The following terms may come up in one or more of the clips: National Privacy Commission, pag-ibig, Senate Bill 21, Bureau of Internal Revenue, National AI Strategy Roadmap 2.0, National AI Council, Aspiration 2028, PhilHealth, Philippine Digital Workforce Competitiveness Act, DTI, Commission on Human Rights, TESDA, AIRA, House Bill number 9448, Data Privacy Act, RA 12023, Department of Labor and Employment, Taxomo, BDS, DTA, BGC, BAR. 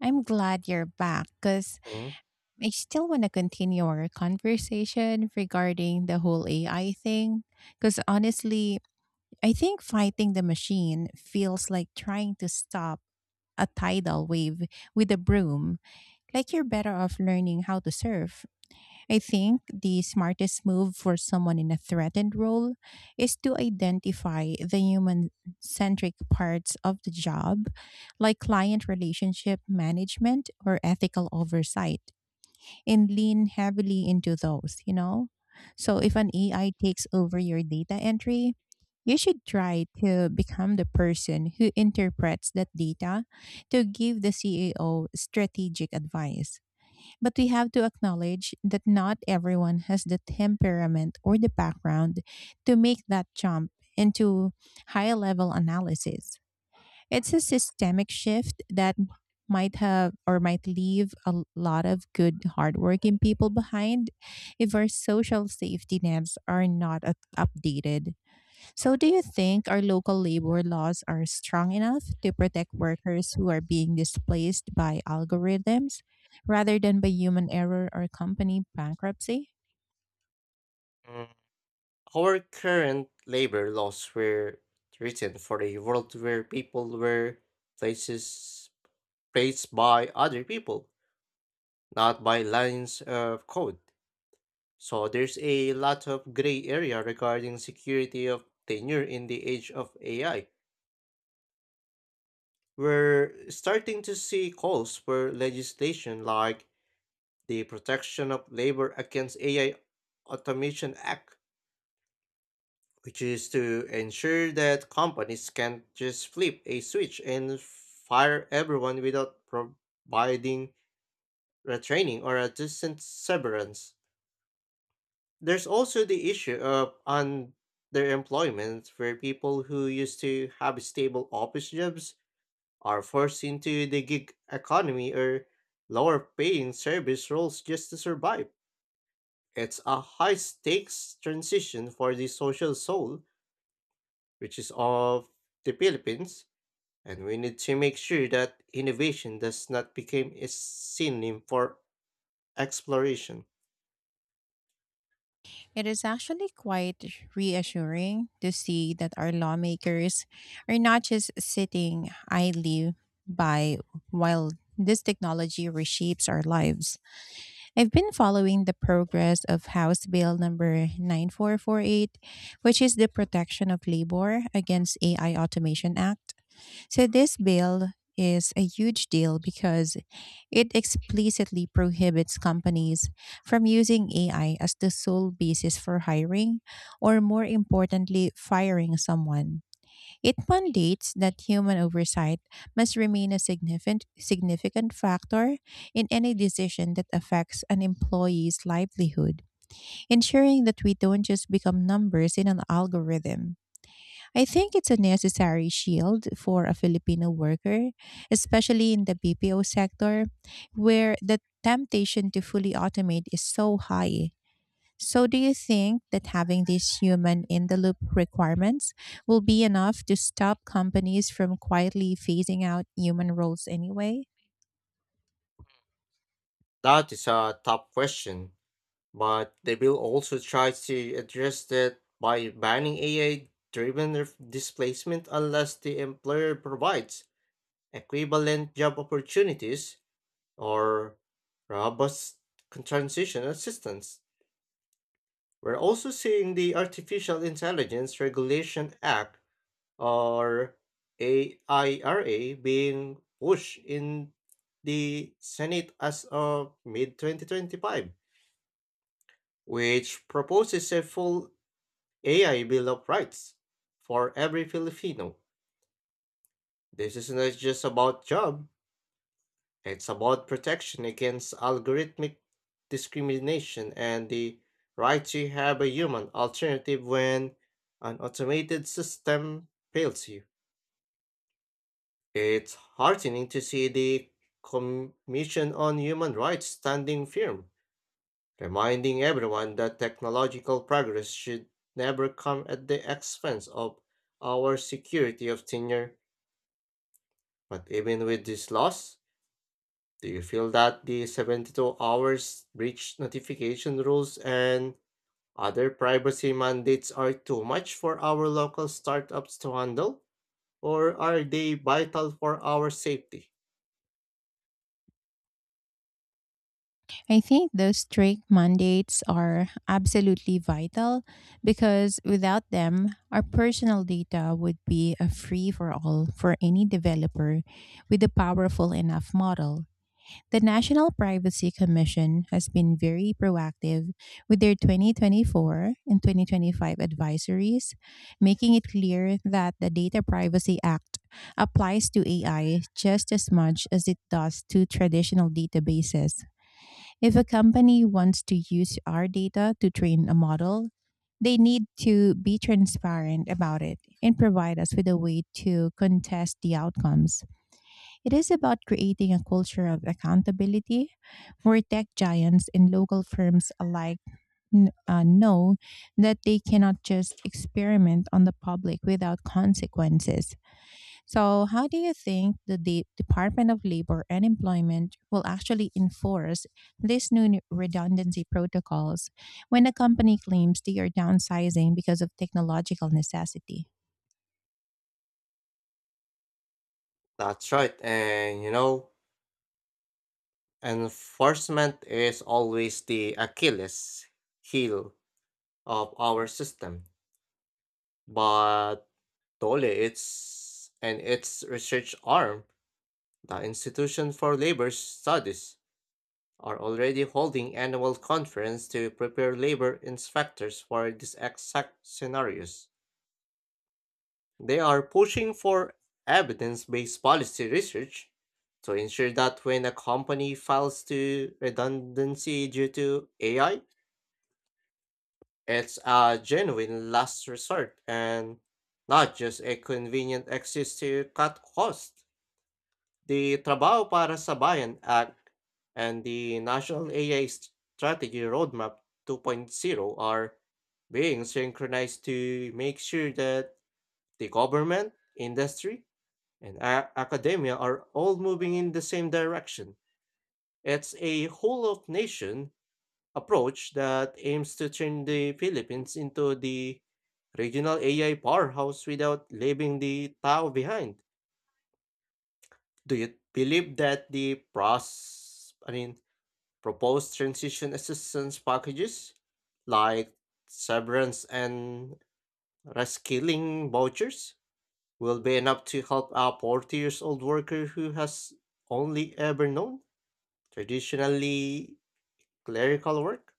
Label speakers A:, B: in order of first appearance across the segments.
A: I'm glad you're back because
B: Mm.
A: I still want to continue our conversation regarding the whole AI thing. Because honestly, I think fighting the machine feels like trying to stop a tidal wave with a broom, like you're better off learning how to surf. I think the smartest move for someone in a threatened role is to identify the human centric parts of the job, like client relationship management or ethical oversight, and lean heavily into those, you know? So if an AI takes over your data entry, you should try to become the person who interprets that data to give the CAO strategic advice, but we have to acknowledge that not everyone has the temperament or the background to make that jump into high level analysis. It's a systemic shift that might have or might leave a lot of good hardworking people behind if our social safety nets are not updated. So, do you think our local labor laws are strong enough to protect workers who are being displaced by algorithms rather than by human error or company bankruptcy?
B: Mm. Our current labor laws were written for a world where people were places placed by other people, not by lines of code. So there's a lot of gray area regarding security of tenure in the age of AI. We're starting to see calls for legislation like the Protection of Labor Against AI Automation Act, which is to ensure that companies can't just flip a switch and fire everyone without providing retraining or a decent severance. There's also the issue of underemployment, where people who used to have stable office jobs are forced into the gig economy or lower paying service roles just to survive. It's a high stakes transition for the social soul, which is of the Philippines, and we need to make sure that innovation does not become a synonym for exploration.
A: It is actually quite reassuring to see that our lawmakers are not just sitting idly by while this technology reshapes our lives. I've been following the progress of House Bill number 9448, which is the Protection of Labor Against AI Automation Act. So, this bill is a huge deal because it explicitly prohibits companies from using AI as the sole basis for hiring or, more importantly, firing someone. It mandates that human oversight must remain a significant factor in any decision that affects an employee's livelihood, ensuring that we don't just become numbers in an algorithm. I think it's a necessary shield for a Filipino worker, especially in the BPO sector, where the temptation to fully automate is so high. So, do you think that having these human in the loop requirements will be enough to stop companies from quietly phasing out human roles anyway?
B: That is a tough question, but the bill also tries to address that by banning AI driven displacement unless the employer provides equivalent job opportunities or robust transition assistance. We're also seeing the Artificial Intelligence Regulation Act, or AIRA, being pushed in the Senate as of mid 2025, which proposes a full AI Bill of Rights for every Filipino. This is not just about job, it's about protection against algorithmic discrimination and the right to have a human alternative when an automated system fails you. It's heartening to see the Commission on Human Rights standing firm, reminding everyone that technological progress should never come at the expense of our security of tenure. But even with this loss, do you feel that the 72 hours breach notification rules and other privacy mandates are too much for our local startups to handle, or are they vital for our safety?
A: I think those strict mandates are absolutely vital because without them, our personal data would be a free for all for any developer with a powerful enough model. The National Privacy Commission has been very proactive with their 2024 and 2025 advisories, making it clear that the Data Privacy Act applies to AI just as much as it does to traditional databases. If a company wants to use our data to train a model, they need to be transparent about it and provide us with a way to contest the outcomes. It is about creating a culture of accountability where tech giants and local firms alike know that they cannot just experiment on the public without consequences. So, how do you think the Department of Labor and Employment will actually enforce these new redundancy protocols when a company claims they are downsizing because of technological necessity?
B: That's right. And enforcement is always the Achilles heel of our system. But Dole, its and its research arm, the Institution for Labor Studies, are already holding annual conference to prepare labor inspectors for these exact scenarios. They are pushing for evidence based policy research to ensure that when a company files to redundancy due to AI, it's a genuine last resort and not just a convenient excuse to cut costs. The Trabaho para sa Bayan Act and the National AI Strategy Roadmap 2.0 are being synchronized to make sure that the government, industry, and academia are all moving in the same direction. It's a whole of nation approach that aims to turn the Philippines into the regional AI powerhouse without leaving the Tao behind. Do you believe that the proposed transition assistance packages like severance and reskilling vouchers will be enough to help a 40 years old worker who has only ever known, traditionally, clerical work?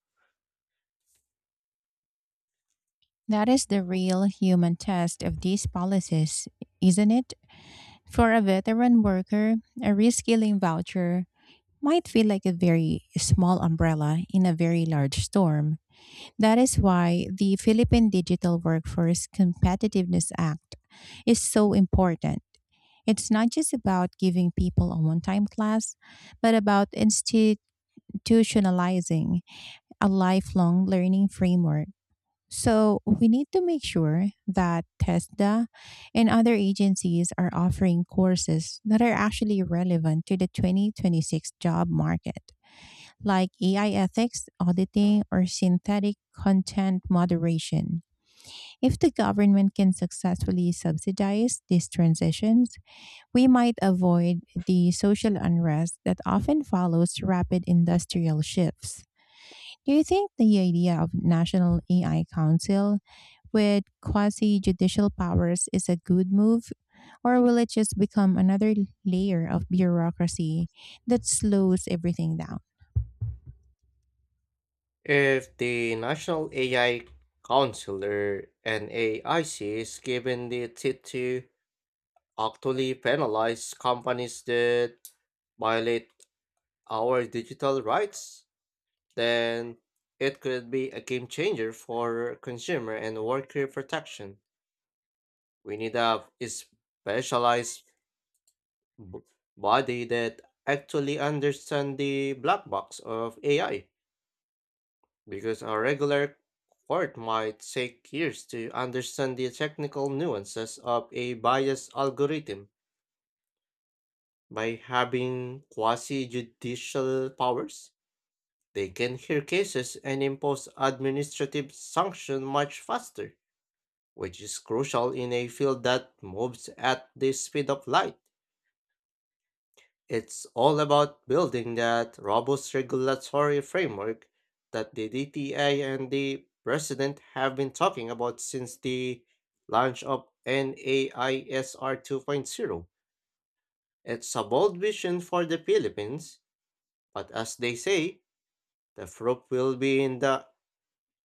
A: That is the real human test of these policies, isn't it? For a veteran worker, a reskilling voucher might feel like a very small umbrella in a very large storm. That is why the Philippine Digital Workforce Competitiveness Act is so important. It's not just about giving people a one time class, but about institutionalizing a lifelong learning framework. So we need to make sure that TESDA and other agencies are offering courses that are actually relevant to the 2026 job market, like AI ethics, auditing, or synthetic content moderation. If the government can successfully subsidize these transitions, we might avoid the social unrest that often follows rapid industrial shifts. Do you think the idea of National AI Council with quasi judicial powers is a good move, or will it just become another layer of bureaucracy that slows everything down?
B: If the National AI Council, or NAIC, is given the teeth to actually penalize companies that violate our digital rights, then it could be a game changer for consumer and worker protection. We need a specialized b- body that actually understand the black box of AI, because a regular court might take years to understand the technical nuances of a biased algorithm. By having quasi judicial powers, they can hear cases and impose administrative sanction much faster, which is crucial in a field that moves at the speed of light. It's all about building that robust regulatory framework that the DTA and the president have been talking about since the launch of NAISR 2.0. It's a bold vision for the Philippines, but as they say, the proof will be in the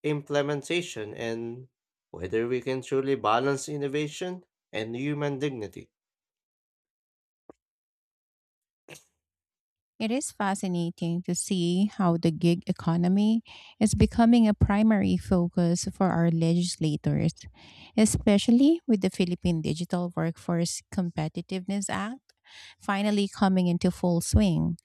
B: implementation and whether we can truly balance innovation and human dignity.
A: It is fascinating to see how the gig economy is becoming a primary focus for our legislators, especially with the Philippine Digital Workforce Competitiveness Act finally coming into full swing.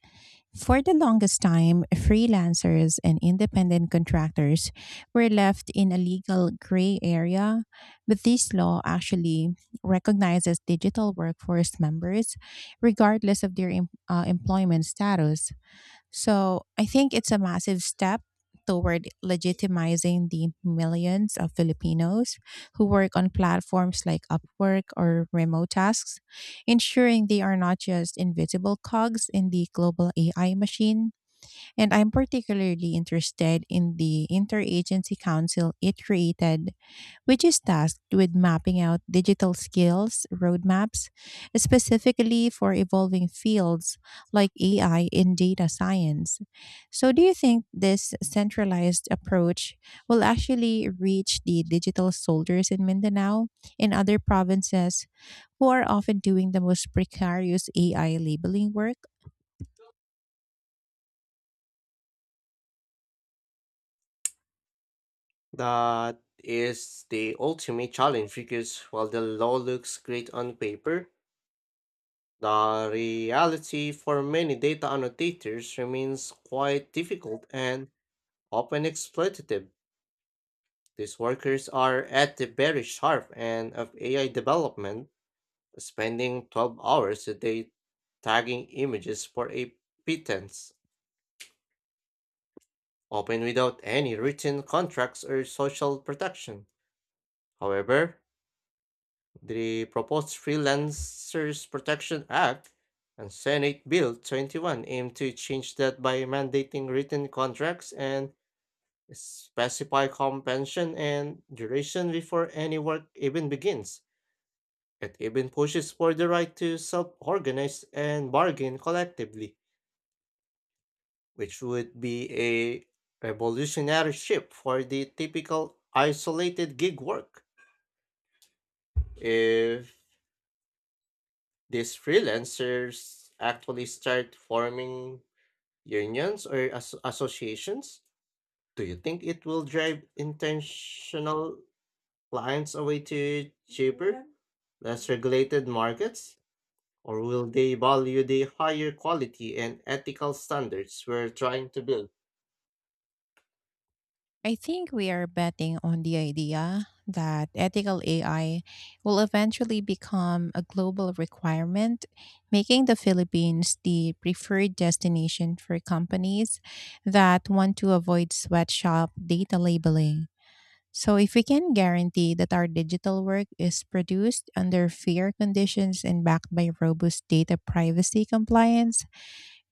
A: For the longest time, freelancers and independent contractors were left in a legal gray area, but this law actually recognizes digital workforce members regardless of their employment status. So I think it's a massive step toward legitimizing the millions of Filipinos who work on platforms like Upwork or remote tasks, ensuring they are not just invisible cogs in the global AI machine. And I'm particularly interested in the interagency council it created, which is tasked with mapping out digital skills roadmaps, specifically for evolving fields like AI and data science. So, do you think this centralized approach will actually reach the digital soldiers in Mindanao and other provinces who are often doing the most precarious AI labeling work?
B: That is the ultimate challenge, because while the law looks great on paper, the reality for many data annotators remains quite difficult and often exploitative. These workers are at the very sharp end of AI development, spending 12 hours a day tagging images for a pittance, often without any written contracts or social protection. However, the proposed Freelancers Protection Act and Senate Bill 21 aim to change that by mandating written contracts and specify compensation and duration before any work even begins. It even pushes for the right to self organize and bargain collectively, which would be a revolutionary shift for the typical isolated gig work. If these freelancers actually start forming unions or associations, do you think it will drive intentional clients away to cheaper, less regulated markets? Or will they value the higher quality and ethical standards we're trying to build?
A: I think we are betting on the idea that ethical AI will eventually become a global requirement, making the Philippines the preferred destination for companies that want to avoid sweatshop data labeling. So, if we can guarantee that our digital work is produced under fair conditions and backed by robust data privacy compliance,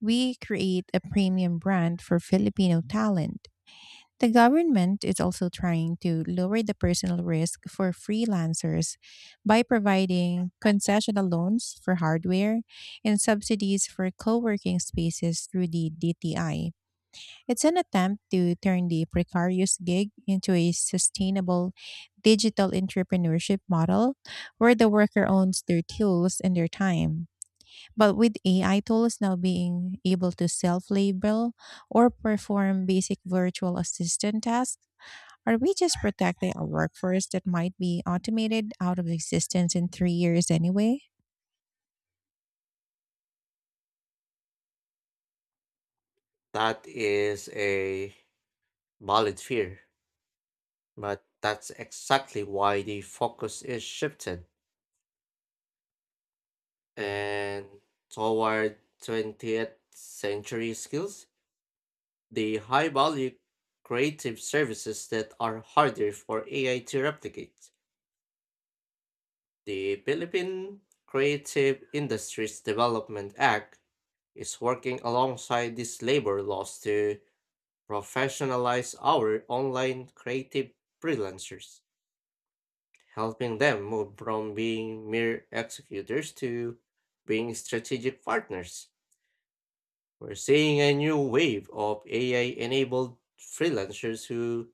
A: we create a premium brand for Filipino talent. The government is also trying to lower the personal risk for freelancers by providing concessional loans for hardware and subsidies for co working spaces through the DTI. It's an attempt to turn the precarious gig into a sustainable digital entrepreneurship model where the worker owns their tools and their time. But with AI tools now being able to self label or perform basic virtual assistant tasks, are we just protecting a workforce that might be automated out of existence in 3 years anyway?
B: That is a valid fear, but that's exactly why the focus is shifted, and toward 20th century skills, the high value creative services that are harder for AI to replicate. The Philippine Creative Industries Development Act is working alongside these labor laws to professionalize our online creative freelancers, helping them move from being mere executors to being strategic partners. We're seeing a new wave of AI enabled freelancers who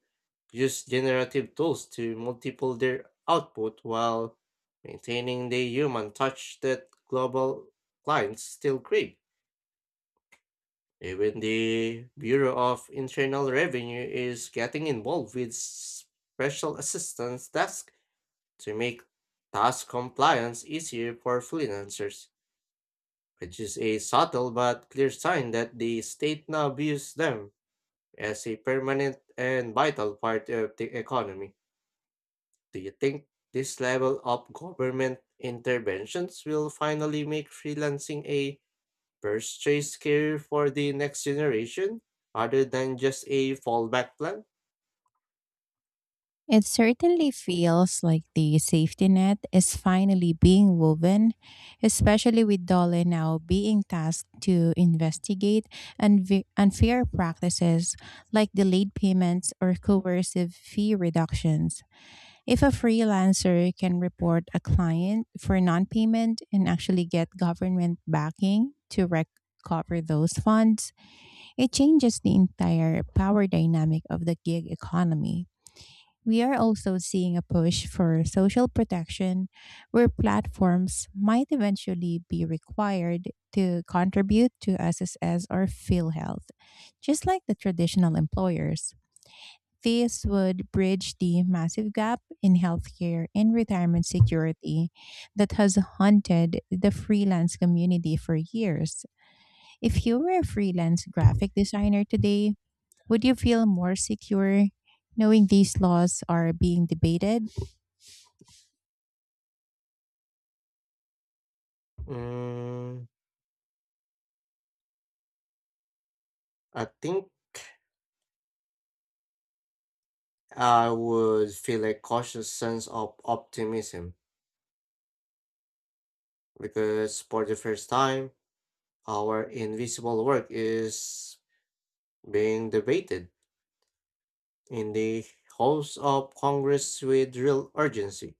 B: use generative tools to multiple their output while maintaining the human touch that global clients still crave. Even the Bureau of Internal Revenue is getting involved with special assistance tasks to make task compliance easier for freelancers, which is a subtle but clear sign that the state now views them as a permanent and vital part of the economy. Do you think this level of government interventions will finally make freelancing a first choice career for the next generation other than just a fallback plan?
A: It certainly feels like the safety net is finally being woven, especially with Dole now being tasked to investigate unfair practices like delayed payments or coercive fee reductions. If a freelancer can report a client for non payment and actually get government backing to recover those funds, it changes the entire power dynamic of the gig economy. We are also seeing a push for social protection where platforms might eventually be required to contribute to SSS or PhilHealth, just like the traditional employers. This would bridge the massive gap in healthcare and retirement security that has haunted the freelance community for years. If you were a freelance graphic designer today, would you feel more secure knowing these laws are being debated?
B: Mm, I think I would feel a cautious sense of optimism, because for the first time, our invisible work is being debated in the House of Congress with real urgency.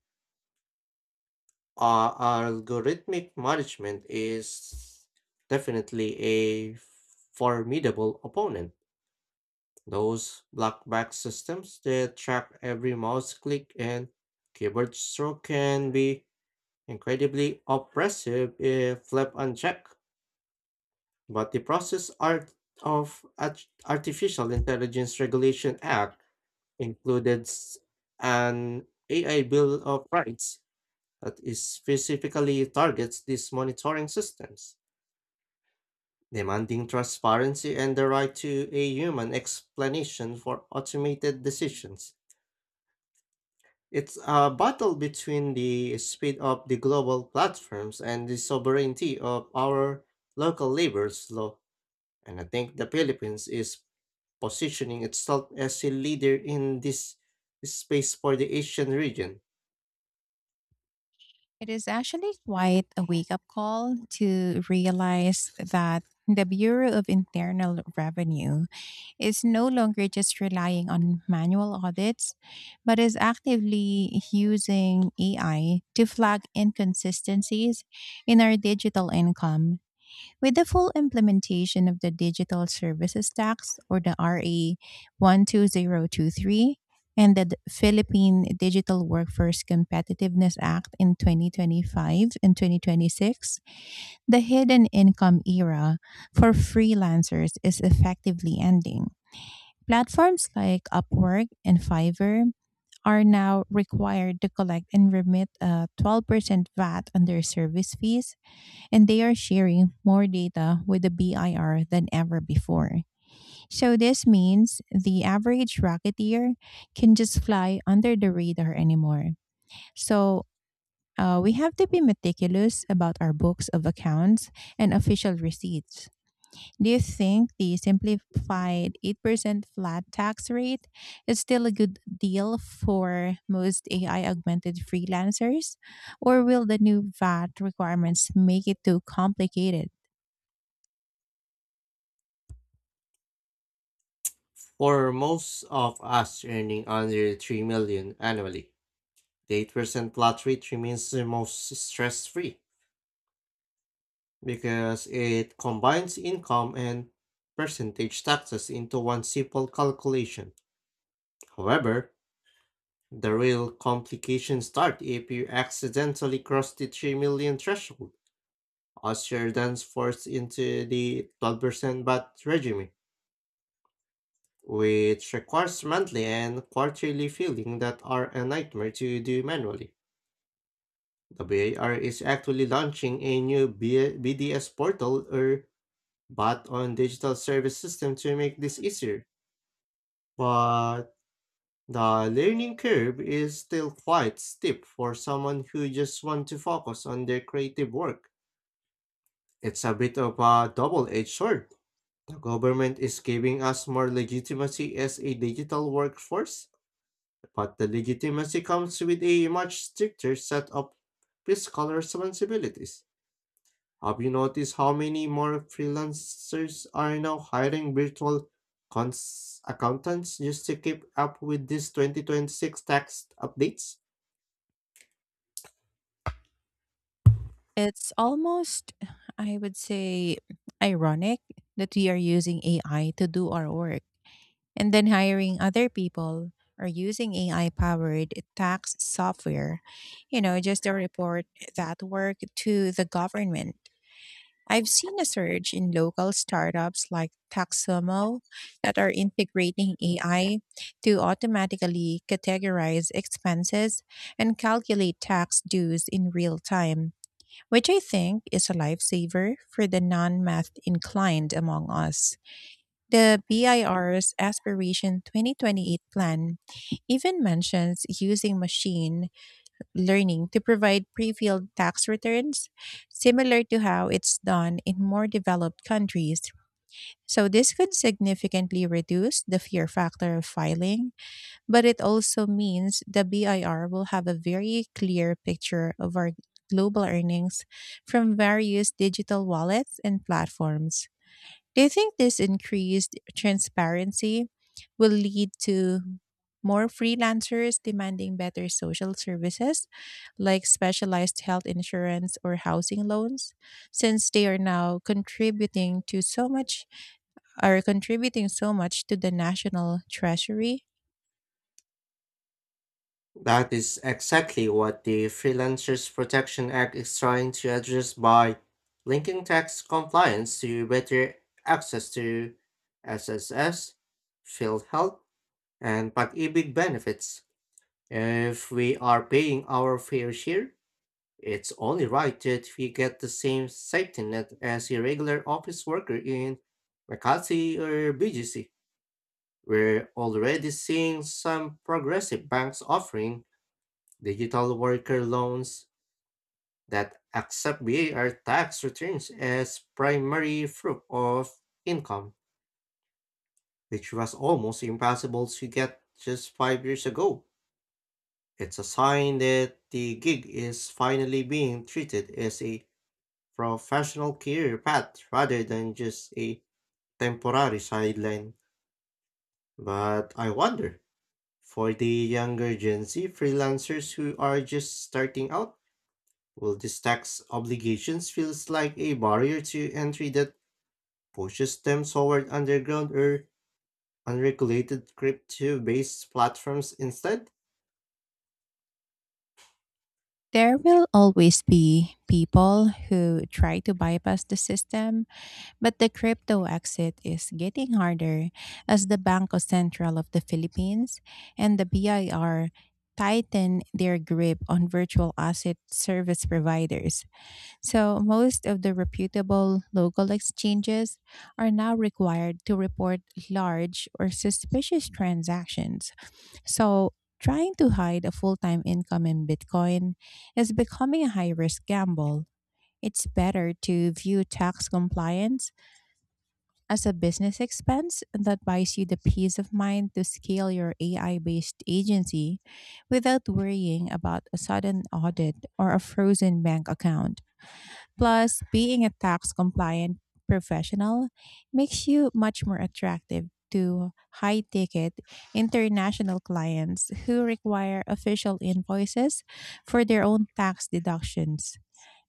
B: Algorithmic management is definitely a formidable opponent. Those blackback systems that track every mouse click and keyboard stroke can be incredibly oppressive if left unchecked. But the process art of Artificial Intelligence Regulation Act included an AI Bill of Rights that is specifically targets these monitoring systems, demanding transparency and the right to a human explanation for automated decisions. It's a battle between the speed of the global platforms and the sovereignty of our local labor's law. And I think the Philippines is positioning itself as a leader in this space for the Asian region.
A: It is actually quite a wake up call to realize that the Bureau of Internal Revenue is no longer just relying on manual audits, but is actively using AI to flag inconsistencies in our digital income. With the full implementation of the Digital Services Tax or the RA 12023 and the Philippine Digital Workforce Competitiveness Act in 2025 and 2026, the hidden income era for freelancers is effectively ending. Platforms like Upwork and Fiverr are now required to collect and remit a 12% VAT on their service fees, and they are sharing more data with the BIR than ever before. So, this means the average Rocketeer can just fly under the radar anymore. So, we have to be meticulous about our books of accounts and official receipts. Do you think the simplified 8% flat tax rate is still a good deal for most AI augmented freelancers? Or will the new VAT requirements make it too complicated?
B: For most of us earning under 3 million annually, the 8% flat rate remains the most stress-free, because it combines income and percentage taxes into one simple calculation. However, the real complications start if you accidentally cross the 3 million threshold, as you're then forced into the 12% VAT regime, which requires monthly and quarterly filling that are a nightmare to do manually. The BAR is actually launching a new BDS portal, or bot on digital service system, to make this easier. But the learning curve is still quite steep for someone who just wants to focus on their creative work. It's a bit of a double-edged sword. The government is giving us more legitimacy as a digital workforce, but the legitimacy comes with a much stricter set of fiscal responsibilities. Have you noticed how many more freelancers are now hiring virtual accountants just to keep up with these 2026 tax updates?
A: It's almost, I would say, ironic that we are using AI to do our work and then hiring other people or using AI powered tax software, you know, just to report that work to the government. I've seen a surge in local startups like Taxomo that are integrating AI to automatically categorize expenses and calculate tax dues in real time, which I think is a lifesaver for the non math inclined among us. The BIR's Aspiration 2028 plan even mentions using machine learning to provide pre filled tax returns, similar to how it's done in more developed countries. So, this could significantly reduce the fear factor of filing, but it also means the BIR will have a very clear picture of our global earnings from various digital wallets and platforms. Do you think this increased transparency will lead to more freelancers demanding better social services like specialized health insurance or housing loans, since they are contributing so much to the national treasury?
B: That is exactly what the Freelancers Protection Act is trying to address, by linking tax compliance to better access to SSS, field health, and pag-ibig benefits. If we are paying our fair share, it's only right that we get the same safety net as a regular office worker in McCarthy or BGC. We're already seeing some progressive banks offering digital worker loans that accept BAR tax returns as primary proof of income, which was almost impossible to get just 5 years ago. It's a sign that the gig is finally being treated as a professional career path rather than just a temporary sideline. But I wonder, for the younger Gen Z freelancers who are just starting out, will these tax obligations feels like a barrier to entry that pushes them toward underground or unregulated crypto-based platforms instead?
A: There will always be people who try to bypass the system, but the crypto exit is getting harder as the Banco Central of the Philippines and the BIR tighten their grip on virtual asset service providers. So, most of the reputable local exchanges are now required to report large or suspicious transactions. So, trying to hide a full time income in Bitcoin is becoming a high risk gamble. It's better to view tax compliance as a business expense that buys you the peace of mind to scale your AI based agency without worrying about a sudden audit or a frozen bank account. Plus, being a tax compliant professional makes you much more attractive to high ticket international clients who require official invoices for their own tax deductions.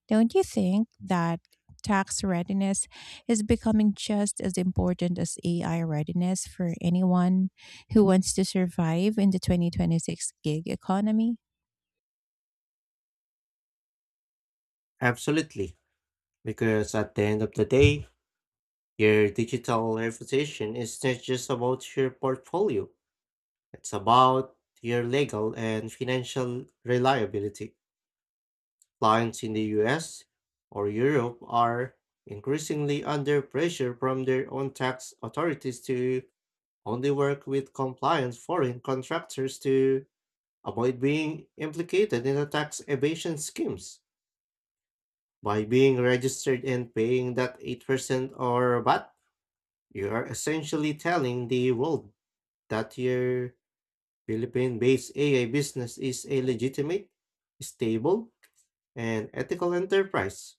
A: Don't you think that tax readiness is becoming just as important as AI readiness for anyone who wants to survive in the 2026 gig economy?
B: Absolutely, because at the end of the day, your digital reputation is not just about your portfolio. It's about your legal and financial reliability. Clients in the US or Europe are increasingly under pressure from their own tax authorities to only work with compliant foreign contractors to avoid being implicated in the tax evasion schemes. By being registered and paying that 8% or VAT, you are essentially telling the world that your Philippine-based AI business is a legitimate, stable, and ethical enterprise.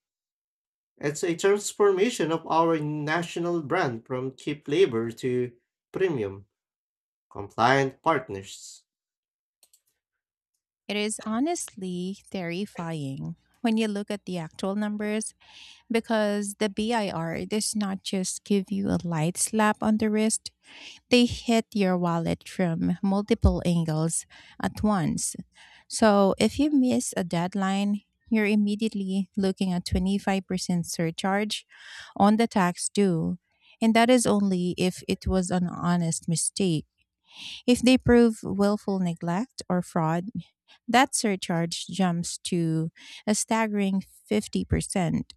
B: It's a transformation of our national brand from cheap labor to premium, compliant partners.
A: It is honestly terrifying when you look at the actual numbers because the BIR does not just give you a light slap on the wrist, they hit your wallet from multiple angles at once. So if you miss a deadline, you're immediately looking at 25% surcharge on the tax due. And that is only if it was an honest mistake. If they prove willful neglect or fraud, that surcharge jumps to a staggering 50%.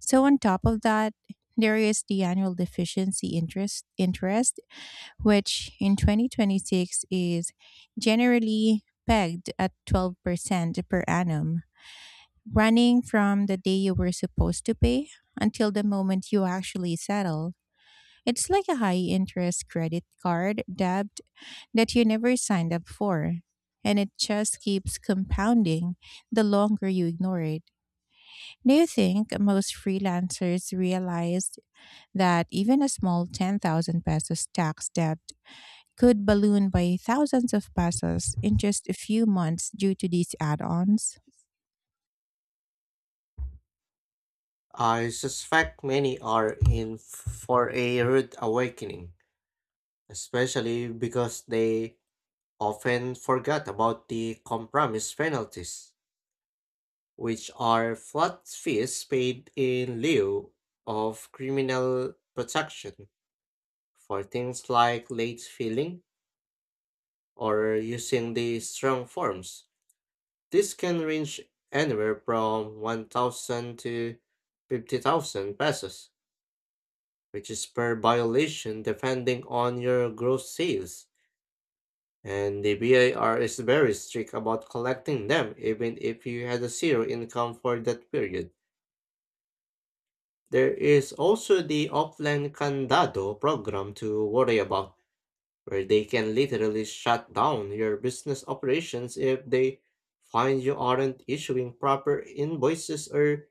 A: So on top of that, there is the annual deficiency interest which in 2026 is generally pegged at 12% per annum, running from the day you were supposed to pay until the moment you actually settle. It's like a high interest credit card debt that you never signed up for. And it just keeps compounding the longer you ignore it. Do you think most freelancers realize that even a small 10,000 pesos tax debt could balloon by thousands of pesos in just a few months due to these add ons?
B: I suspect many are in for a rude awakening, especially because they often forgot about the compromise penalties, which are flat fees paid in lieu of criminal protection for things like late filing or using the strong forms. This can range anywhere from 1,000 to 50,000 pesos, which is per violation depending on your gross sales. And the BIR is very strict about collecting them, even if you had a zero income for that period. There is also the offline candado program to worry about, where they can literally shut down your business operations if they find you aren't issuing proper invoices or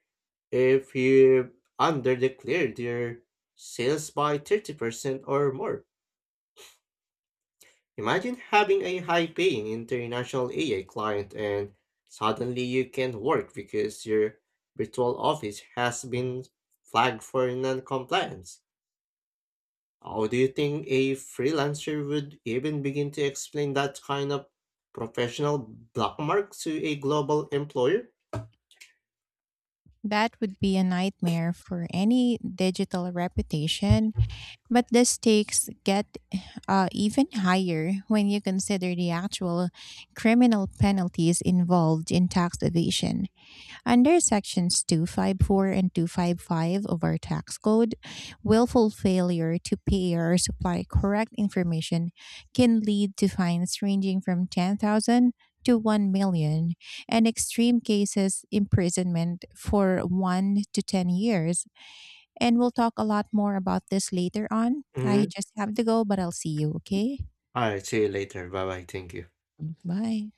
B: if you underdeclared your sales by 30% or more. Imagine having a high-paying international AI client and suddenly you can't work because your virtual office has been flagged for non-compliance. How do you think a freelancer would even begin to explain that kind of professional black mark to a global employer?
A: That would be a nightmare for any digital reputation. But the stakes get even higher when you consider the actual criminal penalties involved in tax evasion. Under sections 254 and 255 of our tax code, willful failure to pay or supply correct information can lead to fines ranging from 10,000 to 1 million and extreme cases imprisonment for 1 to 10 years, and we'll talk a lot more about this later on. I
B: Mhm.
A: just have to go, but I'll see you, okay?
B: All right, see you later. Bye bye. Thank you.
A: Bye.